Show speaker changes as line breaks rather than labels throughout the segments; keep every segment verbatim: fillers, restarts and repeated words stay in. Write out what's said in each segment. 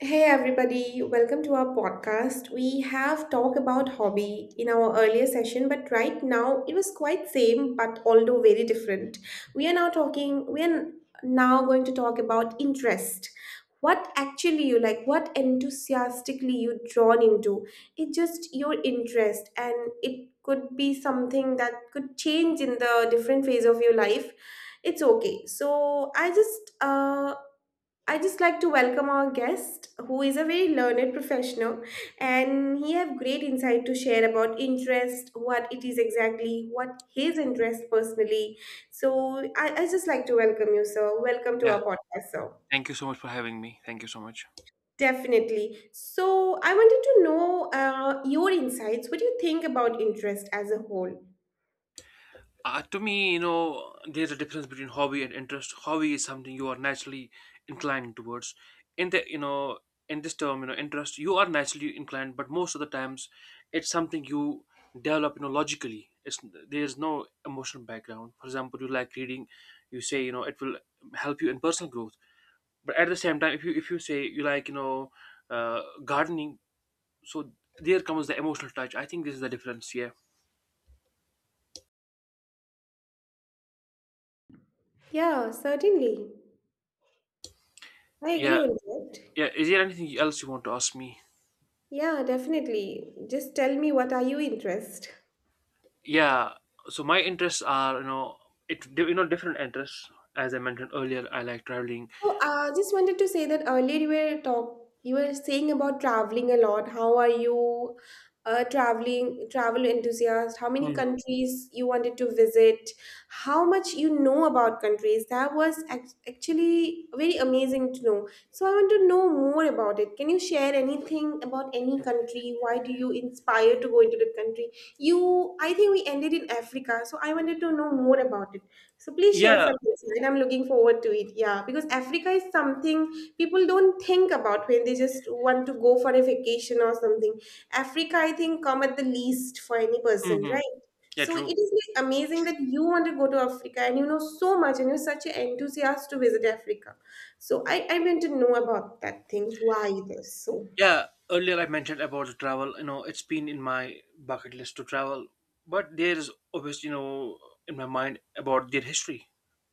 Hey everybody, welcome to our podcast. We have talked about hobby in our earlier session, but right now it was quite same but although very different. We are now talking we are now going to talk about interest. What actually you like, what enthusiastically you drawn into. It's just your interest, and it could be something that could change in the different phase of your life. It's okay. So I just uh I just like to welcome our guest, who is a very learned professional, and he have great insight to share about interest, what it is exactly, what his interest personally. So I, I just like to welcome you, sir. Welcome to
Yeah,
our podcast, sir.
thank you so much for having me. Thank you so much.
Definitely. So I wanted to know uh, your insights. What do you think about interest as a whole?
Uh, to me, you know, there's a difference between hobby and interest. Hobby is something you are naturally inclined towards. In the, you know, in this term, you know, interest, you are naturally inclined, but most of the times, it's something you develop, you know, logically. It's There's no emotional background. For example, you like reading, you say, you know, it will help you in personal growth. But at the same time, if you if you say you like, you know, uh, gardening, so there comes the emotional touch. I think this is the difference. Yeah.
Yeah, certainly. I agree
Yeah,
on that.
yeah, is there anything else you want to ask me?
Yeah, definitely. Just tell me what are you interest?
Yeah, so my interests are, you know, it you know different interests. As I mentioned earlier, I like traveling.
So I just wanted to say that earlier you were talk you were saying about traveling a lot. How are you a traveling travel enthusiast? How many
Mhm.
countries you wanted to visit? How much you know about countries? That was ac- actually very amazing to know. So I want to know more about it. Can you share anything about any country? Why do you inspire to go into that country? You, I think we ended in Africa, so I wanted to know more about it. So please share
Yeah,
some insight. I'm looking forward to it. Yeah, because Africa is something people don't think about when they just want to go for a vacation or something. Africa, I think, come at the least for any person,
hmm,
right?
yeah,
So it
true.
is like amazing that you want to go to Africa and you know so much and you're such an enthusiast to visit Africa. So I, I want to know about that thing. Why this? So
Yeah, earlier I mentioned about the travel. You know, it's been in my bucket list to travel, but there is, obviously, you know, in my mind about their history.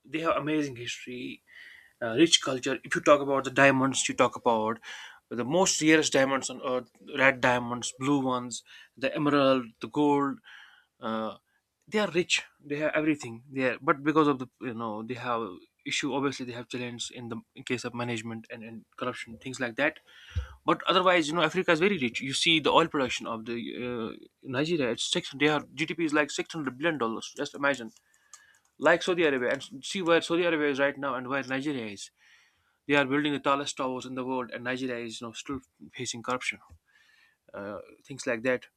They have amazing history, uh, rich culture. If you talk about the diamonds, you talk about the most rarest diamonds on earth, red diamonds, blue ones, the emerald, the gold. Uh, they are rich, they have everything there, but because of the you know, they have issue, obviously they have challenge in the in case of management, and, and corruption, things like that. But otherwise, you know Africa is very rich. You see the oil production of the uh, Nigeria. It's six, they are GDP is like six hundred billion dollars. Just imagine, like Saudi Arabia, and see where Saudi Arabia is right now and where Nigeria is. They are building the tallest towers in the world, and Nigeria is, you know still facing corruption, uh, things like that.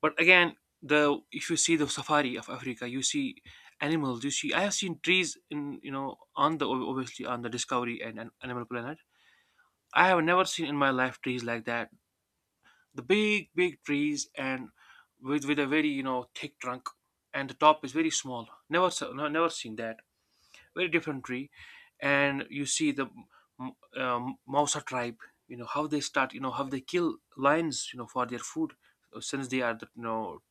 But again, the if you see the safari of Africa, you see animals. You see, I have seen trees, in you know on the, obviously, on the Discovery and, and Animal Planet. I have never seen in my life trees like that. The big big trees, and with with a very, you know thick trunk, and the top is very small. Never, no, never seen that. Very different tree. And you see the m- um, Mausa tribe. You know how they start, you know how they kill lions, you know for their food. So since they are the you know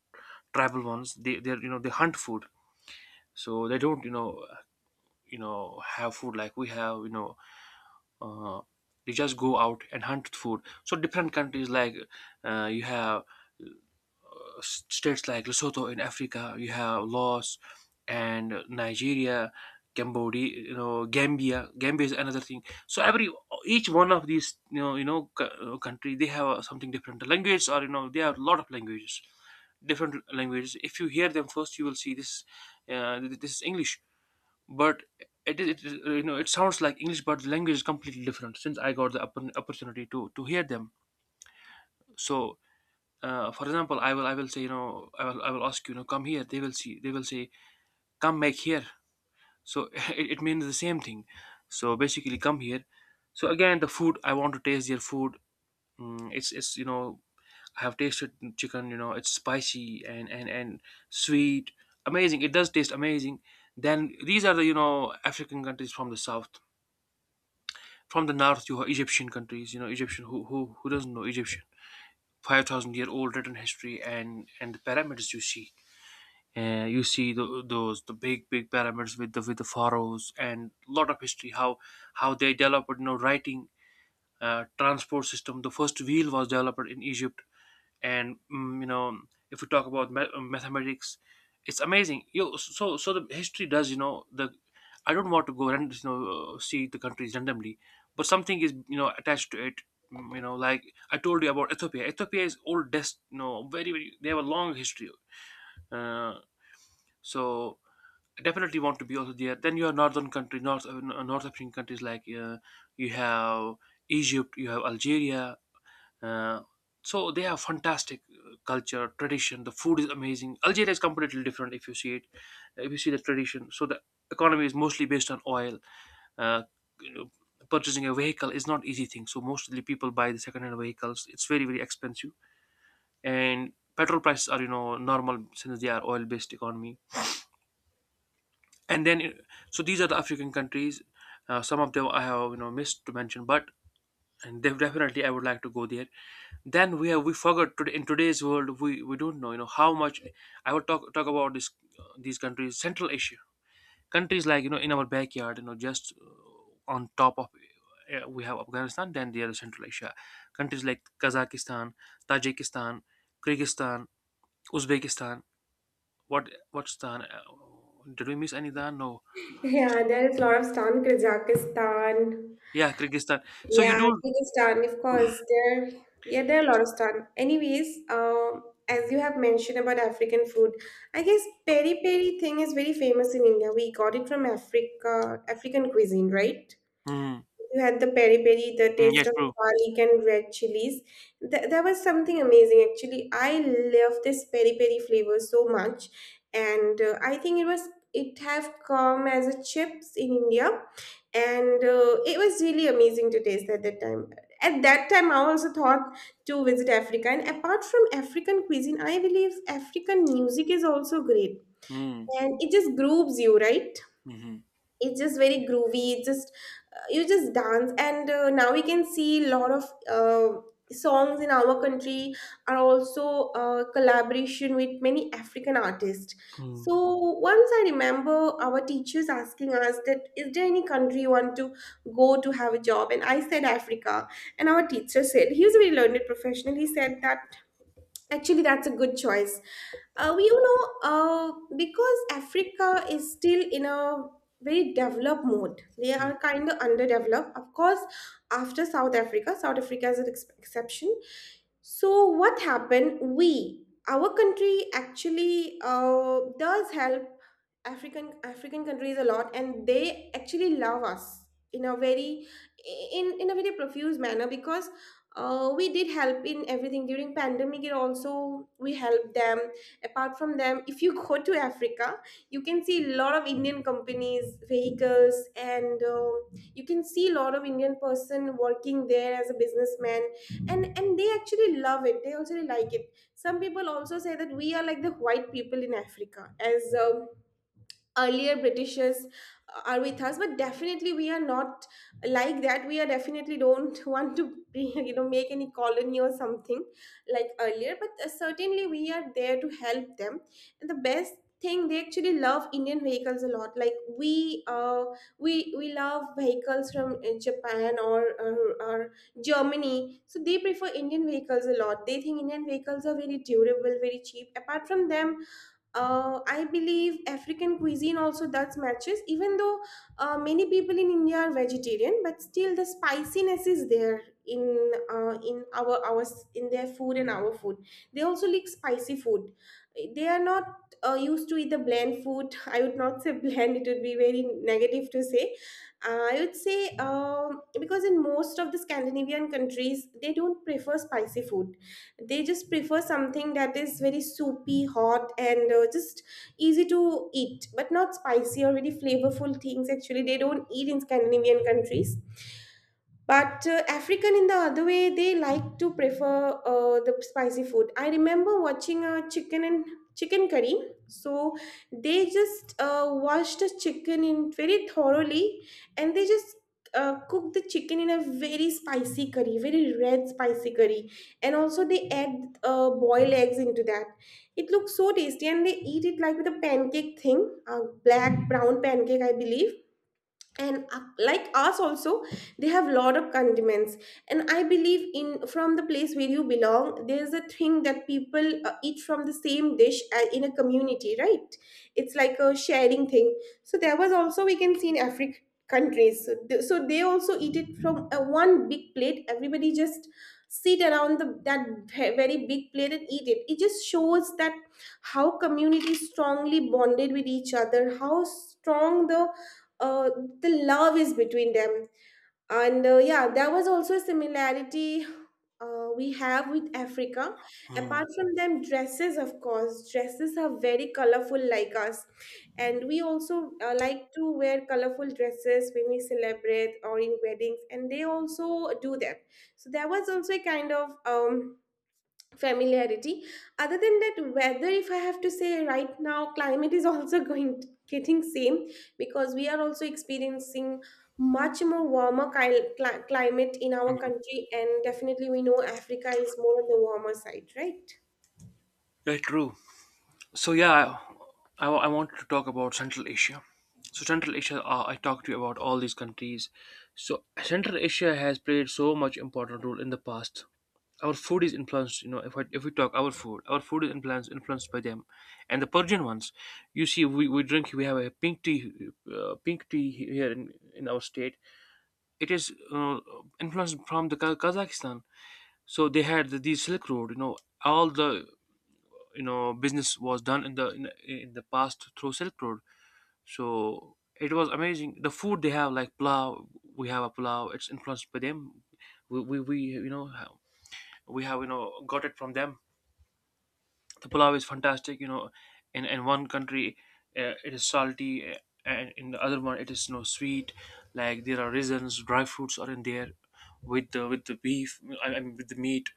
tribal ones, they they you know they hunt food. So they don't, you know you know have food like we have, you know uh, they just go out and hunt food. So different countries, like, uh, you have states like Lesotho in Africa, you have Laos and Nigeria, Cambodia, you know, Gambia. Gambia is another thing. So every each one of these, you know, you know, cou- uh, country, they have, uh, something different. The language, or you know they have a lot of languages, different languages. If you hear them first, you will see this. Uh, th- this is English, but it, is- it is, uh, you know it sounds like English, but the language is completely different. Since I got the oppor- opportunity to to hear them, so uh, for example, i will i will say, you know i will i will ask you, you know come here. They will see they will say, come back here. So it, it means the same thing. So basically, come here. So again, the food, I want to taste their food. mm, it's it's you know I have tasted chicken, you know it's spicy and and and sweet. Amazing. It does taste amazing. Then these are the you know African countries, from the south. From the north, you have Egyptian countries, you know Egyptian. Who who, who doesn't know Egyptian? five thousand year old written history, and and the pyramids, you see. Uh, you see the, those, the big big pyramids, with the with the pharaohs, and a lot of history. How how they developed, you know writing, uh, transport system. The first wheel was developed in Egypt. And, mm, you know if we talk about ma- mathematics, it's amazing. You so so the history does, you know the I don't want to go and, you know see the countries randomly, but something is, you know attached to it. Mm, you know like I told you about Ethiopia, ethiopia is oldest, you know very very, they have a long history. uh, so definitely want to be also there. Then you have northern countries, North uh, North African countries, like, uh, you have Egypt, you have Algeria. Uh, so they have fantastic, uh, culture, tradition. The food is amazing. Algeria is completely different if you see it, if you see the tradition. So the economy is mostly based on oil. Uh, you know, Purchasing a vehicle is not easy thing. So mostly people buy the second-hand vehicles. It's very very expensive, and petrol prices are, you know normal, since they are oil-based economy. And then, it- so these are the African countries. Uh, some of them I have, you know missed to mention, but and def- definitely I would like to go there. Then we have, we forgot today. In today's world, we we don't know, you know how much I would talk talk about this. Uh, these countries, Central Asia countries, like, you know in our backyard, you know just, uh, on top of, uh, we have Afghanistan. Then there is Central Asia, countries like Kazakhstan, Tajikistan, Kyrgyzstan, Uzbekistan. what what's Stan? Uh, did we miss any there? No.
yeah, there is a lot of stuff in Kazakhstan,
Yeah, Kyrgyzstan. So you
Yeah,
do.
Kyrgyzstan, of course. There, yeah, there are a lot of stan. Anyways, um, as you have mentioned about African food, I guess peri peri thing is very famous in India. We got it from Africa, African cuisine, right?
Mm,
You had the peri peri, the
mm, yeah,
taste of
true.
garlic and red chilies. Th- that was something amazing, actually. I love this peri peri flavor so much, and uh, I think it was it have come as a chips in India, and uh, it was really amazing to taste at that time. At that time, I also thought to visit Africa, and apart from African cuisine, I believe African music is also great,
Mm,
and it just grooves you, right?
mm-hmm.
It's just very groovy. It just You just dance, and uh, now we can see a lot of uh, songs in our country are also uh, collaboration with many African artists.
Mm,
So once I remember our teachers asking us that is there any country you want to go to have a job, and I said Africa. And our teacher said, he was a very learned professional, he said that actually, that's a good choice. Uh, you know, uh, because Africa is still in a very developed mode. They
mm,
are kind of underdeveloped. Of course, after South Africa, South Africa is an ex- exception. So what happened? We, our country, actually uh, does help African African countries a lot, and they actually love us in a very in in a very profuse manner, because uh, we did help in everything. During pandemic it also we helped them. Apart from them, if you go to Africa, you can see a lot of Indian companies, vehicles, and uh, you can see a lot of Indian person working there as a businessman. And and they actually love it, they also really like it. Some people also say that we are like the white people in Africa, as uh, earlier Britishers uh, are with us, but definitely we are not like that. We are definitely don't want to be, you know, make any colony or something like earlier, but uh, certainly we are there to help them. And the best thing, they actually love Indian vehicles a lot. Like we uh we we love vehicles from uh, Japan, or, or or Germany, so they prefer Indian vehicles a lot. They think Indian vehicles are very durable, very cheap. Apart from them, uh, I believe African cuisine also does matches, even though uh, many people in India are vegetarian, but still the spiciness is there in uh, in our our in their food and our food. They also like spicy food. They are not uh, used to eat the bland food. I would not say bland; it would be very negative to say. Uh, I would say um Because in most of the Scandinavian countries, they don't prefer spicy food. They just prefer something that is very soupy, hot, and uh, just easy to eat, but not spicy or very flavorful things. Actually, they don't eat in Scandinavian countries. But uh, African, in the other way, they like to prefer uh, the spicy food. I remember watching a chicken and chicken curry. So they just uh, washed the chicken in very thoroughly, and they just uh, cook the chicken in a very spicy curry, very red spicy curry, and also they add uh, boiled eggs into that. It looks so tasty, and they eat it like with a pancake thing, a black brown pancake, I believe. And uh, like us also, they have lot of condiments. And I believe in from the place where you belong, there's a thing that people uh, eat from the same dish uh, in a community, right? It's like a sharing thing. So there was also we can see in Africa countries. So they, so they also eat it from uh, one big plate. Everybody just sit around the, that ve- very big plate and eat it. It just shows that how communities strongly bonded with each other, how strong the uh, the love is between them. And uh, yeah, there was also a similarity uh, we have with Africa.
mm,
Apart from them, dresses, of course, dresses are very colorful like us, and we also uh, like to wear colorful dresses when we celebrate or in weddings, and they also do that. So there was also a kind of um, familiarity. Other than that, weather, if I have to say, right now climate is also going getting same, because we are also experiencing much more warmer cli- cli- climate in our
mm.
country. And definitely we know Africa is more on the warmer side, right?
Yeah, true. So yeah, I, I, I want to talk about Central Asia. So Central Asia, uh, I talked to you about all these countries. So Central Asia has played so much important role in the past. Our food is influenced, you know, if, I, if we talk our food, our food is influenced influenced by them, and the Persian ones. You see, we, we drink, we have a pink tea, uh, pink tea here in, in our state, it is, uh, influenced from the Ka- Kazakhstan. So they had the, the Silk Road. You know, all the, you know business was done in the in, in the past through Silk Road. So it was amazing. The food they have, like plow. We have a plow. It's influenced by them. We we, we you know ha- we have, you know got it from them. The pulao is fantastic, you know in in one country, uh, it is salty, uh, and in the other one it is, you know sweet. Like there are raisins, dry fruits are in there, with the with the beef, i, I mean with the meat.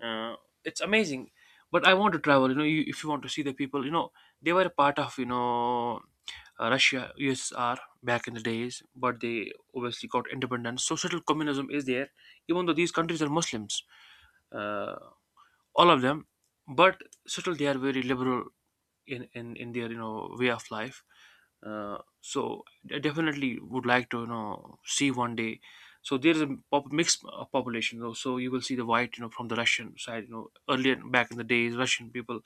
uh, it's amazing. But I want to travel. You know you, if you want to see the people, you know they were a part of, you know uh, Russia, USSR, back in the days, but they obviously got independence, so subtle communism is there, even though these countries are Muslims. Uh, all of them. But still they are very liberal in in, in their, you know way of life. Uh, so I definitely would like to, you know see one day. So there is a pop- mixed, uh, population though. So you will see the white, you know from the Russian side, you know earlier, back in the days, Russian people,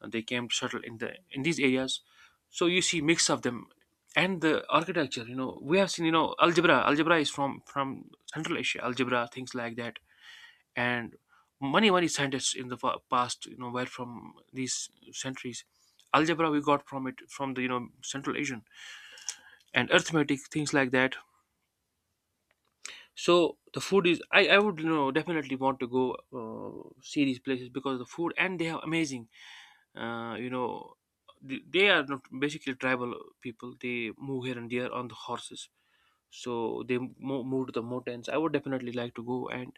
uh, they came to settle in the in these areas. So you see mix of them. And the architecture, you know we have seen, you know algebra algebra is from from Central Asia, algebra, things like that. And many many scientists in the fa- past, you know were from these centuries. Algebra we got from it, from the, you know Central Asian, and arithmetic, things like that. So the food is, i i would, you know definitely want to go, uh, see these places because the food, and they have amazing, uh, you know th- they are not basically tribal people. They move here and there on the horses. So they mo- move to the mountains. I would definitely like to go and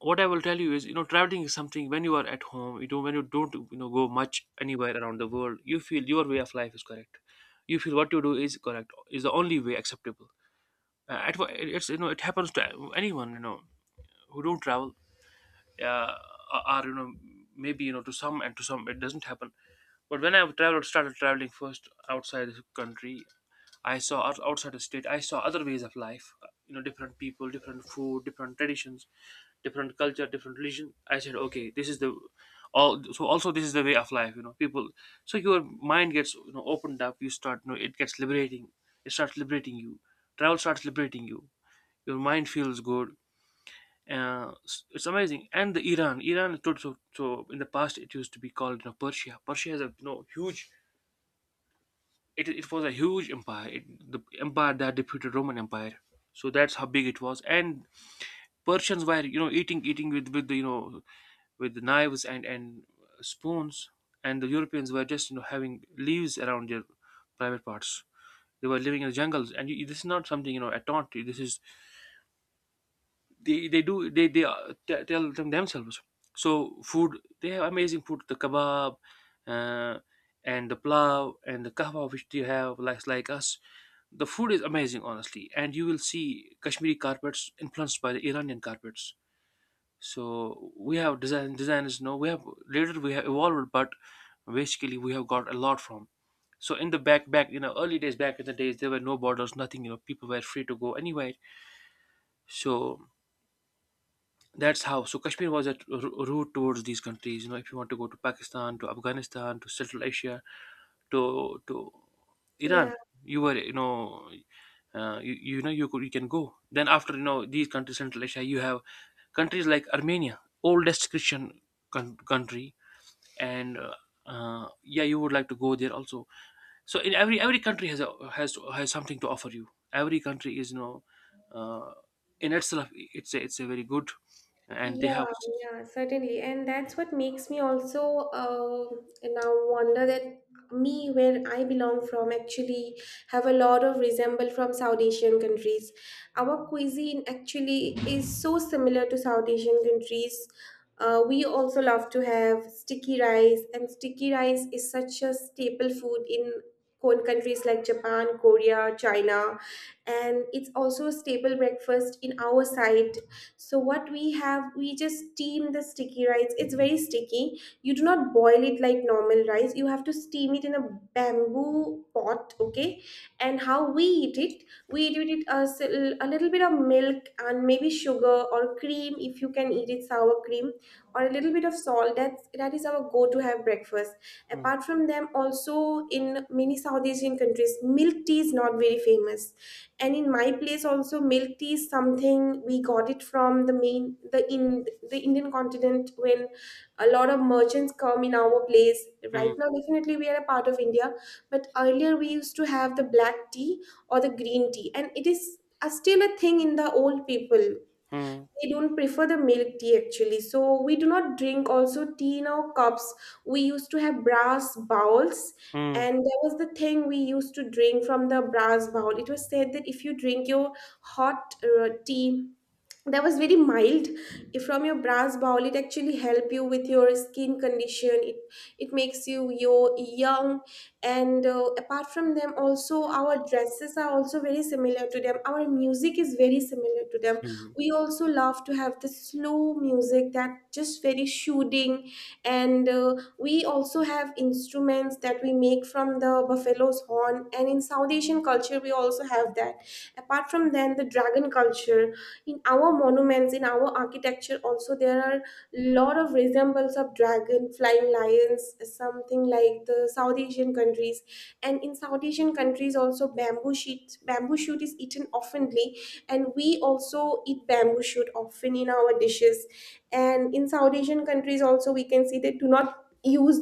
what I will tell you is, you know, traveling is something. When you are at home, you don't. When you don't, you know, go much anywhere around the world, you feel your way of life is correct. You feel what you do is correct, is the only way acceptable. Uh, at, wha- it- it's, you know, It happens to anyone, you know, who don't travel, uh, or, or, you know, maybe, you know, to some, and to some it doesn't happen. But when I traveled, started traveling first outside the country, I saw out- outside the state. I saw other ways of life. Uh, You know, different people, different food, different traditions, different culture, different religion. I said, okay, this is the all. So also, this is the way of life. You know, people. So your mind gets you know opened up. You start. You know, it gets liberating. It starts liberating you. Travel starts liberating you. Your mind feels good. Uh, s- it's amazing. And the Iran, Iran is tot- so so in the past it used to be called you know Persia. Persia has a you know huge it, it was a huge empire it, the empire that defeated Roman Empire, so that's how big it was. And Persians were you know eating eating with with the, you know with the knives and and spoons, and the Europeans were just you know having leaves around their private parts. They were living in the jungles. And you, this is not something you know a taunt. This is, they they do they they uh, t- tell them themselves So food, they have amazing food: the kebab, uh, and the plow and the kahwa, which they have like like us. The food is amazing, honestly. And you will see Kashmiri carpets influenced by the Iranian carpets. So we have design designers no we have later, we have evolved, but basically we have got a lot from. So in the back back you know early days, back in the days there were no borders, nothing. You know people were free to go anywhere. So that's how. So Kashmir was a r- route towards these countries. You know, if you want to go to Pakistan, to Afghanistan, to Central Asia, to to
Yeah.
Iran, you were you know, uh, you, you know you could, you can go. Then after you know these countries, Central Asia, you have countries like Armenia, oldest Christian con- country, and uh, uh, yeah, you would like to go there also. So in every every country has a, has has something to offer you. Every country is you know, uh, in itself, it's a, it's a very good, and they have.
Yeah, yeah, certainly. And that's what makes me also uh, now wonder that me, where I belong from, actually have a lot of resemble from South Asian countries. Our cuisine actually is so similar to South Asian countries. Uh, we also love to have sticky rice, and sticky rice is such a staple food in co- countries like Japan, Korea, China, and it's also a staple breakfast in our side. So what we have, we just steam the sticky rice. It's very sticky, you do not boil it like normal rice. You have to steam it in a bamboo pot, okay? And how we eat it, we eat with it a, s- a little bit of milk and maybe sugar or cream, if you can eat it sour cream, or a little bit of salt. That's that is our go to have breakfast.
Hmm.
Apart from them, also in many South Asian countries, milk tea is not very famous. And in my place also, milk tea is something we got it from the main, the in the Indian continent, when a lot of merchants come in our place.
Hmm.
Right now, definitely we are a part of India, but earlier we used to have the black tea or the green tea, and it is a, still a thing in the old people.
Hmm.
We don't prefer the milk tea, actually. So we do not drink also tea in our cups. We used to have brass bowls,
Hmm.
and that was the thing. We used to drink from the brass bowl. It was said that if you drink your hot uh, tea, that was very mild, if from your brass bowl, it actually help you with your skin condition. it it makes you you young. And uh, apart from them, also our dresses are also very similar to them. Our music is very similar to them.
Hmm.
We also love to have the slow music, that just very soothing. And uh, we also have instruments that we make from the buffalo's horn, and in South Asian culture we also have that. Apart from then, the dragon culture, in our monuments, in our architecture also, there are lot of resemblance of dragon, flying lions, something like the South Asian countries. And in South Asian countries also, bamboo sheet bamboo shoot is eaten oftenly, and we also eat bamboo shoot often in our dishes. And in South Asian countries also, we can see they do not use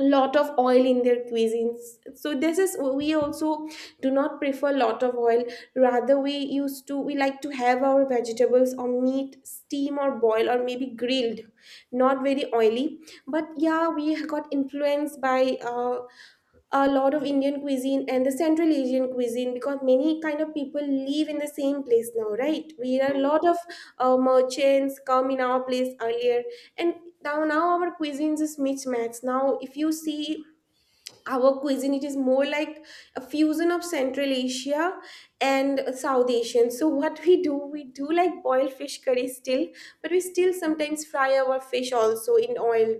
lot of oil in their cuisines, so this is we also do not prefer lot of oil. Rather, we used to we like to have our vegetables or meat steam or boil or maybe grilled, not very oily. But yeah, we got influenced by uh, a lot of Indian cuisine and the Central Asian cuisine, because many kind of people live in the same place now, right? We are a
Hmm.
lot of uh, merchants come in our place earlier, and now now our cuisines is mismatched. Now, if you see our cuisine, it is more like a fusion of Central Asia and South Asian. So what we do we do like boiled fish curry still, but we still sometimes fry our fish also in oil.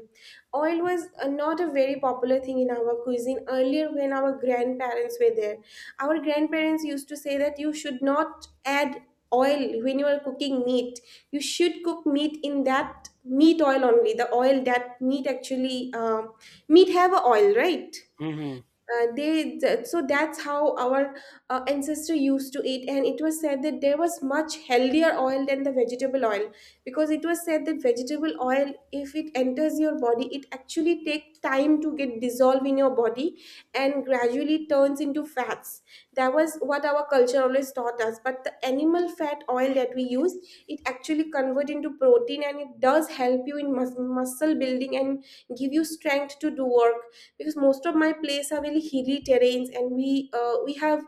Oil was uh, not a very popular thing in our cuisine earlier when our grandparents were there. Our grandparents used to say that you should not add oil when you are cooking meat. You should cook meat in that meat oil only, the oil that meat actually um meat have a oil, right?
Hmm.
Uh, they that- so that's how our uh, ancestor used to eat, and it was said that there was much healthier oil than the vegetable oil, because it was said that vegetable oil, if it enters your body, it actually take time to get dissolved in your body and gradually turns into fats. That was what our culture always taught us. But the animal fat oil that we use, it actually convert into protein, and it does help you in mus- muscle building and give you strength to do work. Because most of my place are very hilly terrains, and we uh, we have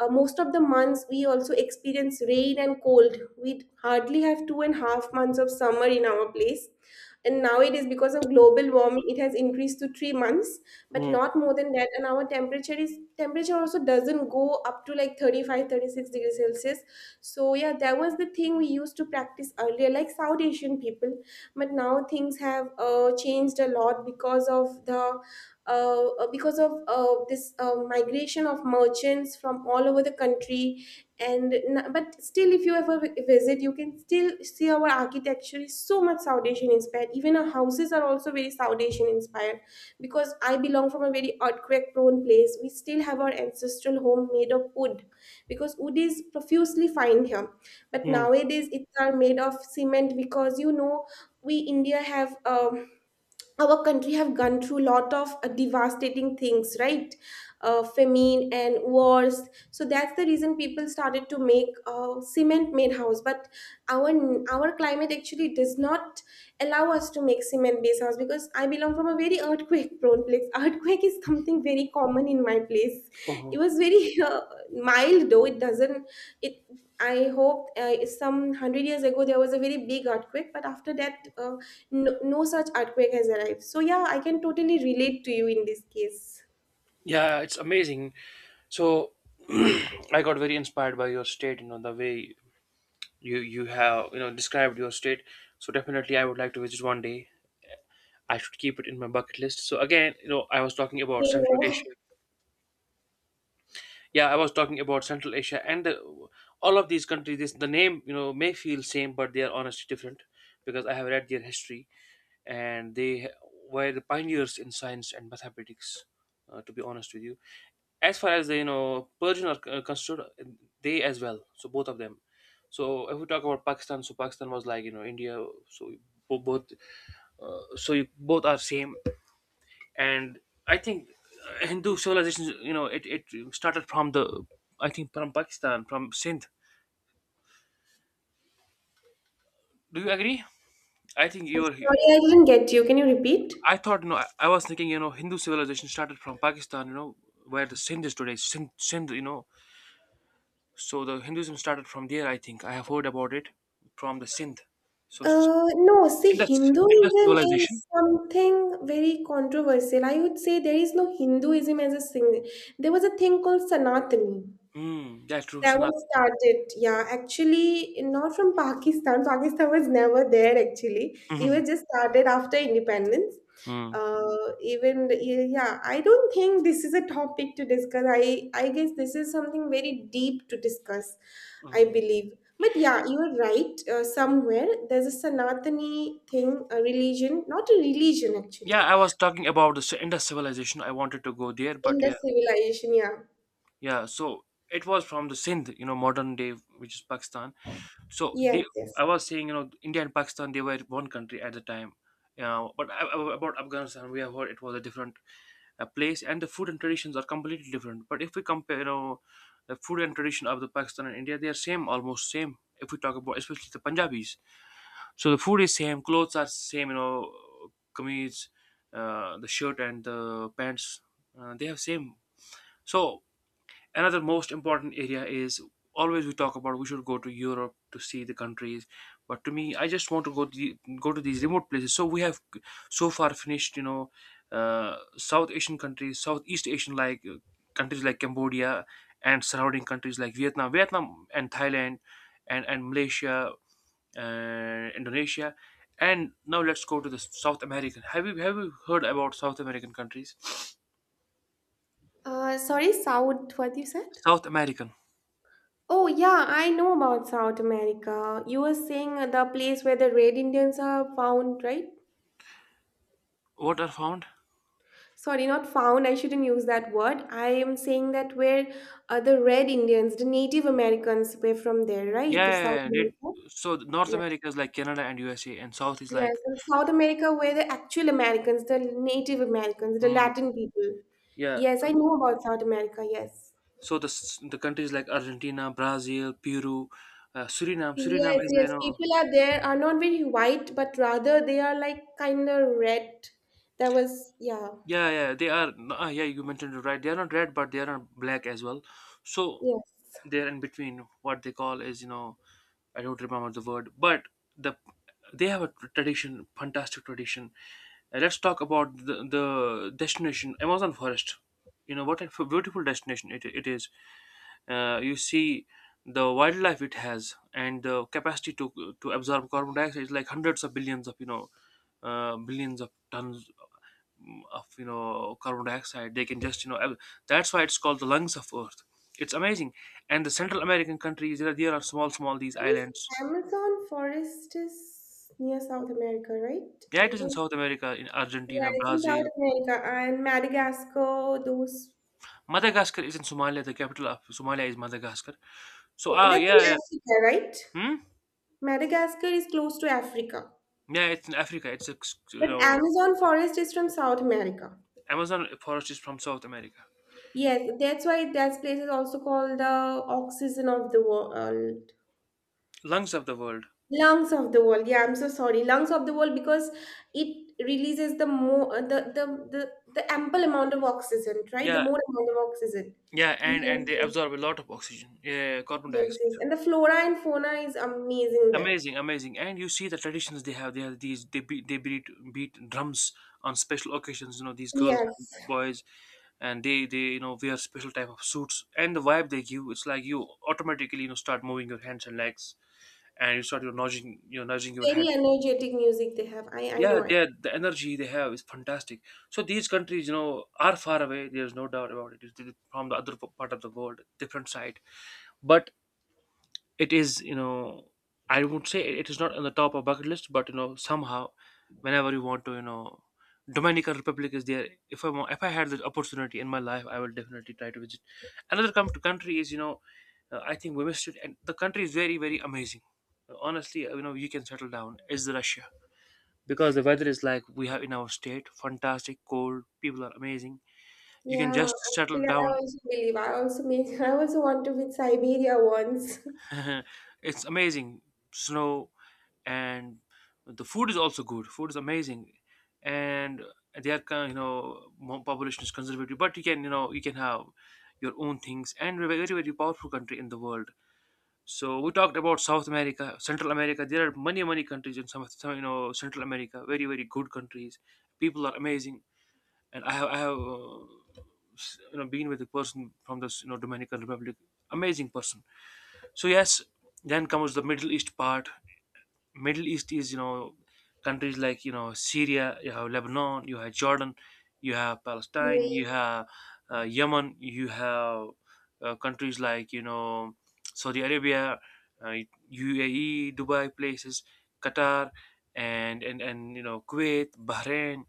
uh, most of the months we also experience rain and cold. We hardly have two and a half months of summer in our place, and now it is because of global warming, it has increased to three months, but
Hmm.
not more than that. And our temperature is temperature also doesn't go up to like thirty-five, thirty-six degrees celsius. So yeah, that was the thing we used to practice earlier, like South Asian people. But now things have uh, changed a lot because of the uh, uh, because of uh, this uh, migration of merchants from all over the country. And n- but still, if you ever vi- visit, you can still see our architecture is so much South Asian inspired. Even our houses are also very South Asian inspired, because I belong from a very earthquake prone place. We still have our ancestral home made of wood, because wood is profusely fine here. But
Hmm.
nowadays it's are made of cement, because you know, we India have um, our country have gone through lot of uh, devastating things, right? Uh, famine and wars. So that's the reason people started to make uh, cement made house. But our our climate actually does not allow us to make cement based house, because I belong from a very earthquake prone place. Earthquake is something very common in my place. It
Oh,
was very uh, mild though. It doesn't it I hope uh, some one hundred years ago there was a very big earthquake, but after that uh, no, no such earthquake has arrived. So yeah, I can totally relate to you in this case.
yeah, it's amazing. So I got very inspired by your state, you know, the way you you have, you know, described your state. So definitely I would like to visit one day. I should keep it in my bucket list. So again, you know, I was talking about
Same
Central
here.
Asia. Yeah, I was talking about Central Asia and the, all of these countries. This, the name, you know, may feel same, but they are honestly different because I have read their history. And they were the pioneers in science and mathematics. Uh, to be honest with you, as far as the you know Persian are uh, considered, uh, they as well. So both of them. So if we talk about Pakistan, so Pakistan was like you know India. So bo- both, so you, both are same. And I think uh, Hindu civilization, you know, it, it started from the, I think from Pakistan, from Sindh. Do you agree? I think you are.
Sorry, I didn't get you. Can you repeat?
I thought, you know, I, I was thinking, you know, Hindu civilization started from Pakistan, you know, where the Sindh is today, Sindh, Sindh, you know. So the Hinduism started from there, I think. I have heard about it from the Sindh. So s-.
Uh, no, see,
Indus, Indus
Hinduism
civilization.
is something very controversial. I would say there is no Hinduism as a thing. There was a thing called Sanatani.
Mm, yeah, true,
That
Sanat.
was started, yeah, actually not from Pakistan. Pakistan was never there actually. It
Mhm.
was just started after independence.
Mm.
Uh, even yeah, I don't think this is a topic to discuss. I I guess this is something very deep to discuss. I
Mm.
believe. But yeah, you're right. Uh, somewhere there's a Sanatani thing, a religion, not a religion actually,
Yeah, I was talking about the Ci- Indus civilization. I wanted to go there,
in
but
the
yeah,
civilization. Yeah.
yeah. So it was from the Sindh, you know, modern day, which is Pakistan. So
Yes.
they,
Yes.
I was saying, you know, India and Pakistan, they were one country at the time. Uh, but a- a- about Afghanistan, we have heard it was a different uh, place, and the food and traditions are completely different. But if we compare, you know, the food and tradition of the Pakistan and India, they are same, almost same. If we talk about, especially the Punjabis, so the food is same, clothes are same, you know, kameez, uh, the shirt and the pants, uh, they have same. So another most important area is, always we talk about we should go to Europe to see the countries, but to me, I just want to go to the, go to these remote places. So we have so far finished, you know, uh, South Asian countries, Southeast Asian, like uh, countries like Cambodia and surrounding countries like Vietnam, Vietnam and Thailand, and and Malaysia, uh, Indonesia, and now let's go to the South American. Have you have you heard about South American countries?
Uh, sorry, South. What you said?
South American,
Oh, yeah, I know about South America. You were saying the place where the red Indians are found, right?
what are found?
Sorry, not found. I shouldn't use that word. I am saying that where uh, the red Indians, the Native Americans, were from there, right? The South
Yeah, did,
America.
so the North
Yeah.
America is like Canada and U S A, and South is
Yes,
like
and South America where the actual Americans, the Native Americans, the
hmm,
Latin people.
yeah.
Yes,
So,
I know about South America. Yes.
so the s- the countries like Argentina, Brazil, Peru, uh, Suriname. Suriname
Yes,
has
yes.
you know.
People are there are not very white, but rather they are like kind of red. That was, yeah.
Yeah, yeah, they are. Uh, yeah, you mentioned it right. They are not red, but they are not black as well. So
Yes.
they're in between. What they call is, you know, I don't remember the word, but the, they have a tradition, fantastic tradition. Uh, let's talk about the, the destination, Amazon forest. You know what a f- beautiful destination it, it is. Uh, you see the wildlife it has, and the capacity to to absorb carbon dioxide is like hundreds of billions of you know uh, billions of tons, mm, of you know carbon dioxide they can just you know ab-. That's why it's called the lungs of earth. It's amazing. And the Central American countries, there are, there are small small these
I
islands.
guess Amazon forest is near South America, right?
Yeah, it
I
is in
don't.
South America, in
Yeah,
Argentina,
it's in South
Brazil.
America and Madagascar. Those,
Madagascar is in Somalia. The capital of Somalia is Madagascar. So
oh,
ah,
that's
yeah, yeah.
in Africa, right?
Hmm?
Madagascar is close to Africa,
Yeah, it's in Africa. It's a, you
but
know.
Amazon forest is from South America.
Amazon forest is from South America.
Yes, that's why that place is also called the oxygen of the world.
Lungs of the world.
Lungs of the world. Yeah, I'm so sorry, lungs of the world, because it releases the more uh, the, the the the ample amount of oxygen, right? The
Yeah.
more amount of oxygen.
Yeah, and
Yes,
and they
yes.
absorb a lot of oxygen, yeah, carbon
Yes,
dioxide.
yes, and the flora and fauna is amazing there.
Amazing, amazing. And you see the traditions they have, they have these, they beat they beat beat drums on special occasions, you know, these girls and
Yes,
boys, and they they you know wear special type of suits, and the vibe they give, it's like you automatically you know start moving your hands and legs, and you start you know, nudging you know nudging your
very
head.
energetic music they have. I i know
Yeah,
I,
they are-, the energy they have is fantastic. So these countries, you know, are far away, there's no doubt about it. It's from the other part of the world, different side. But it is, you know, I would say it is not on the top of bucket list, but you know, somehow, whenever you want to, you know, Dominican Republic is there. If I want, if I had the opportunity in my life, I will definitely try to visit. Another com- country is, you know, uh, I think we missed it, and the country is very very amazing, honestly. Uh, you know, you can settle down, is Russia, because the weather is like we have in our state, fantastic cold, people are amazing. You can
yeah.
just settle
Actually, I
down.
also believe, I also mean, I also want to visit Siberia once.
It's amazing. Snow, and the food is also good. Food is amazing, and they are kind, you know, more population is conservative, but you can, you know, you can have your own things, and we're a very very powerful country in the world. So we talked about South America, Central America. There are many many countries in some, some you know Central America, very very good countries. People are amazing, and I have I have. Uh, s- you know, been with a person from this you know Dominican Republic, amazing person. So yes, then comes the Middle East part. Middle East is, you know, countries like you know Syria, you have Lebanon, you have Jordan, you have Palestine,
We.
you have uh, Yemen, you have uh, countries like you know Saudi Arabia, uh, U A E, Dubai places, Qatar, and and and you know Kuwait, Bahrain.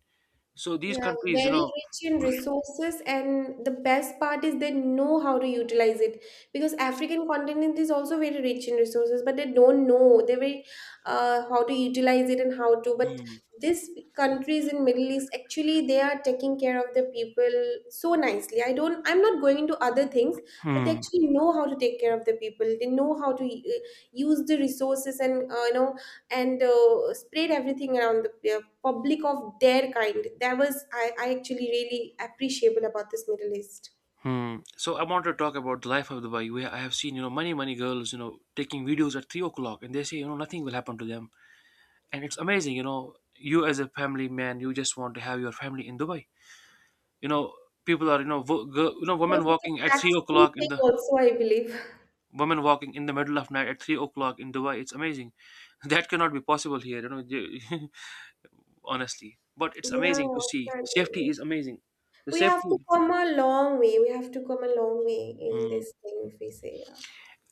So these
Yeah,
countries, you
very
know.
rich in resources, and the best part is they know how to utilize it, because
Yes.
African continent is also very rich in resources, but they don't know, they very uh, how to utilize it and how to. But
Hmm.
these countries in Middle East, actually they are taking care of the people so nicely. I don't. I'm not going into other things, but they
Hmm.
actually know how to take care of the people. They know how to uh, use the resources and uh, you know, and uh, spread everything around the, yeah, public of their kind. That was I, I actually really appreciable about this Middle East.
Hmm. So I want to talk about the life of Dubai, where I have seen, you know, many, many girls, you know, taking videos at three o'clock, and they say, you know, nothing will happen to them. And it's amazing, you know, you as a family man, you just want to have your family in Dubai, you know. People are, you know, wo- girl, you know, women
Because of the
walking at three
tax-free
o'clock in
thing
the,
also, I believe.
women walking in the middle of night at three o'clock in Dubai. It's amazing. That cannot be possible here, you know, you-. Honestly, but it's
Yeah,
amazing to see, safety
exactly.
is amazing. The
We have to
safety.
come a long way. We have to come a long way in
Hmm.
this thing, if we say. Yeah.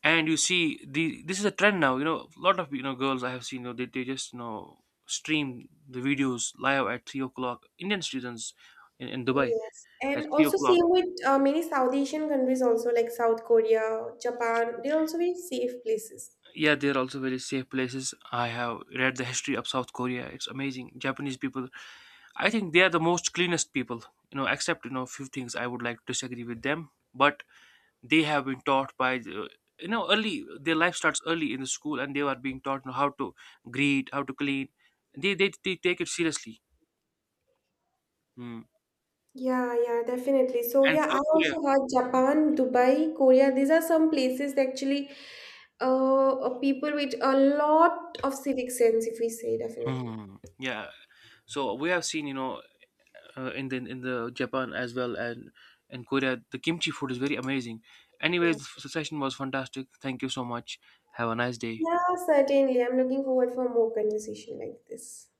And you see, the this is a trend now, you know, a lot of, you know, girls I have seen, you know, they, they just you know stream the videos live at three o'clock, Indian students in, in Dubai
Yes,
at
and
three
also
o'clock
same with uh, many South Asian countries also like South Korea, Japan. They're also very safe places.
Yeah, they're also very safe places. I have read the history of South Korea. It's amazing. Japanese people, I think they are the most cleanest people, you know, except, you know, a few things I would like to disagree with them. But they have been taught by, the, you know, early, their life starts early in the school, and they are being taught, you know, how to greet, how to clean. They, they, they take it seriously. Hmm.
Yeah, yeah, definitely. So
And
yeah, I
South Korea.
also heard Japan, Dubai, Korea. These are some places that actually, uh, uh, people with a lot of civic sense, if we say, definitely.
Hmm. Yeah. So we have seen, you know, uh, in the in the Japan as well, and and Korea. The kimchi food is very amazing. Anyways,
Yes.
the session was fantastic. Thank you so much. Have a nice day.
Yeah, certainly. I'm looking forward for more conversation like this.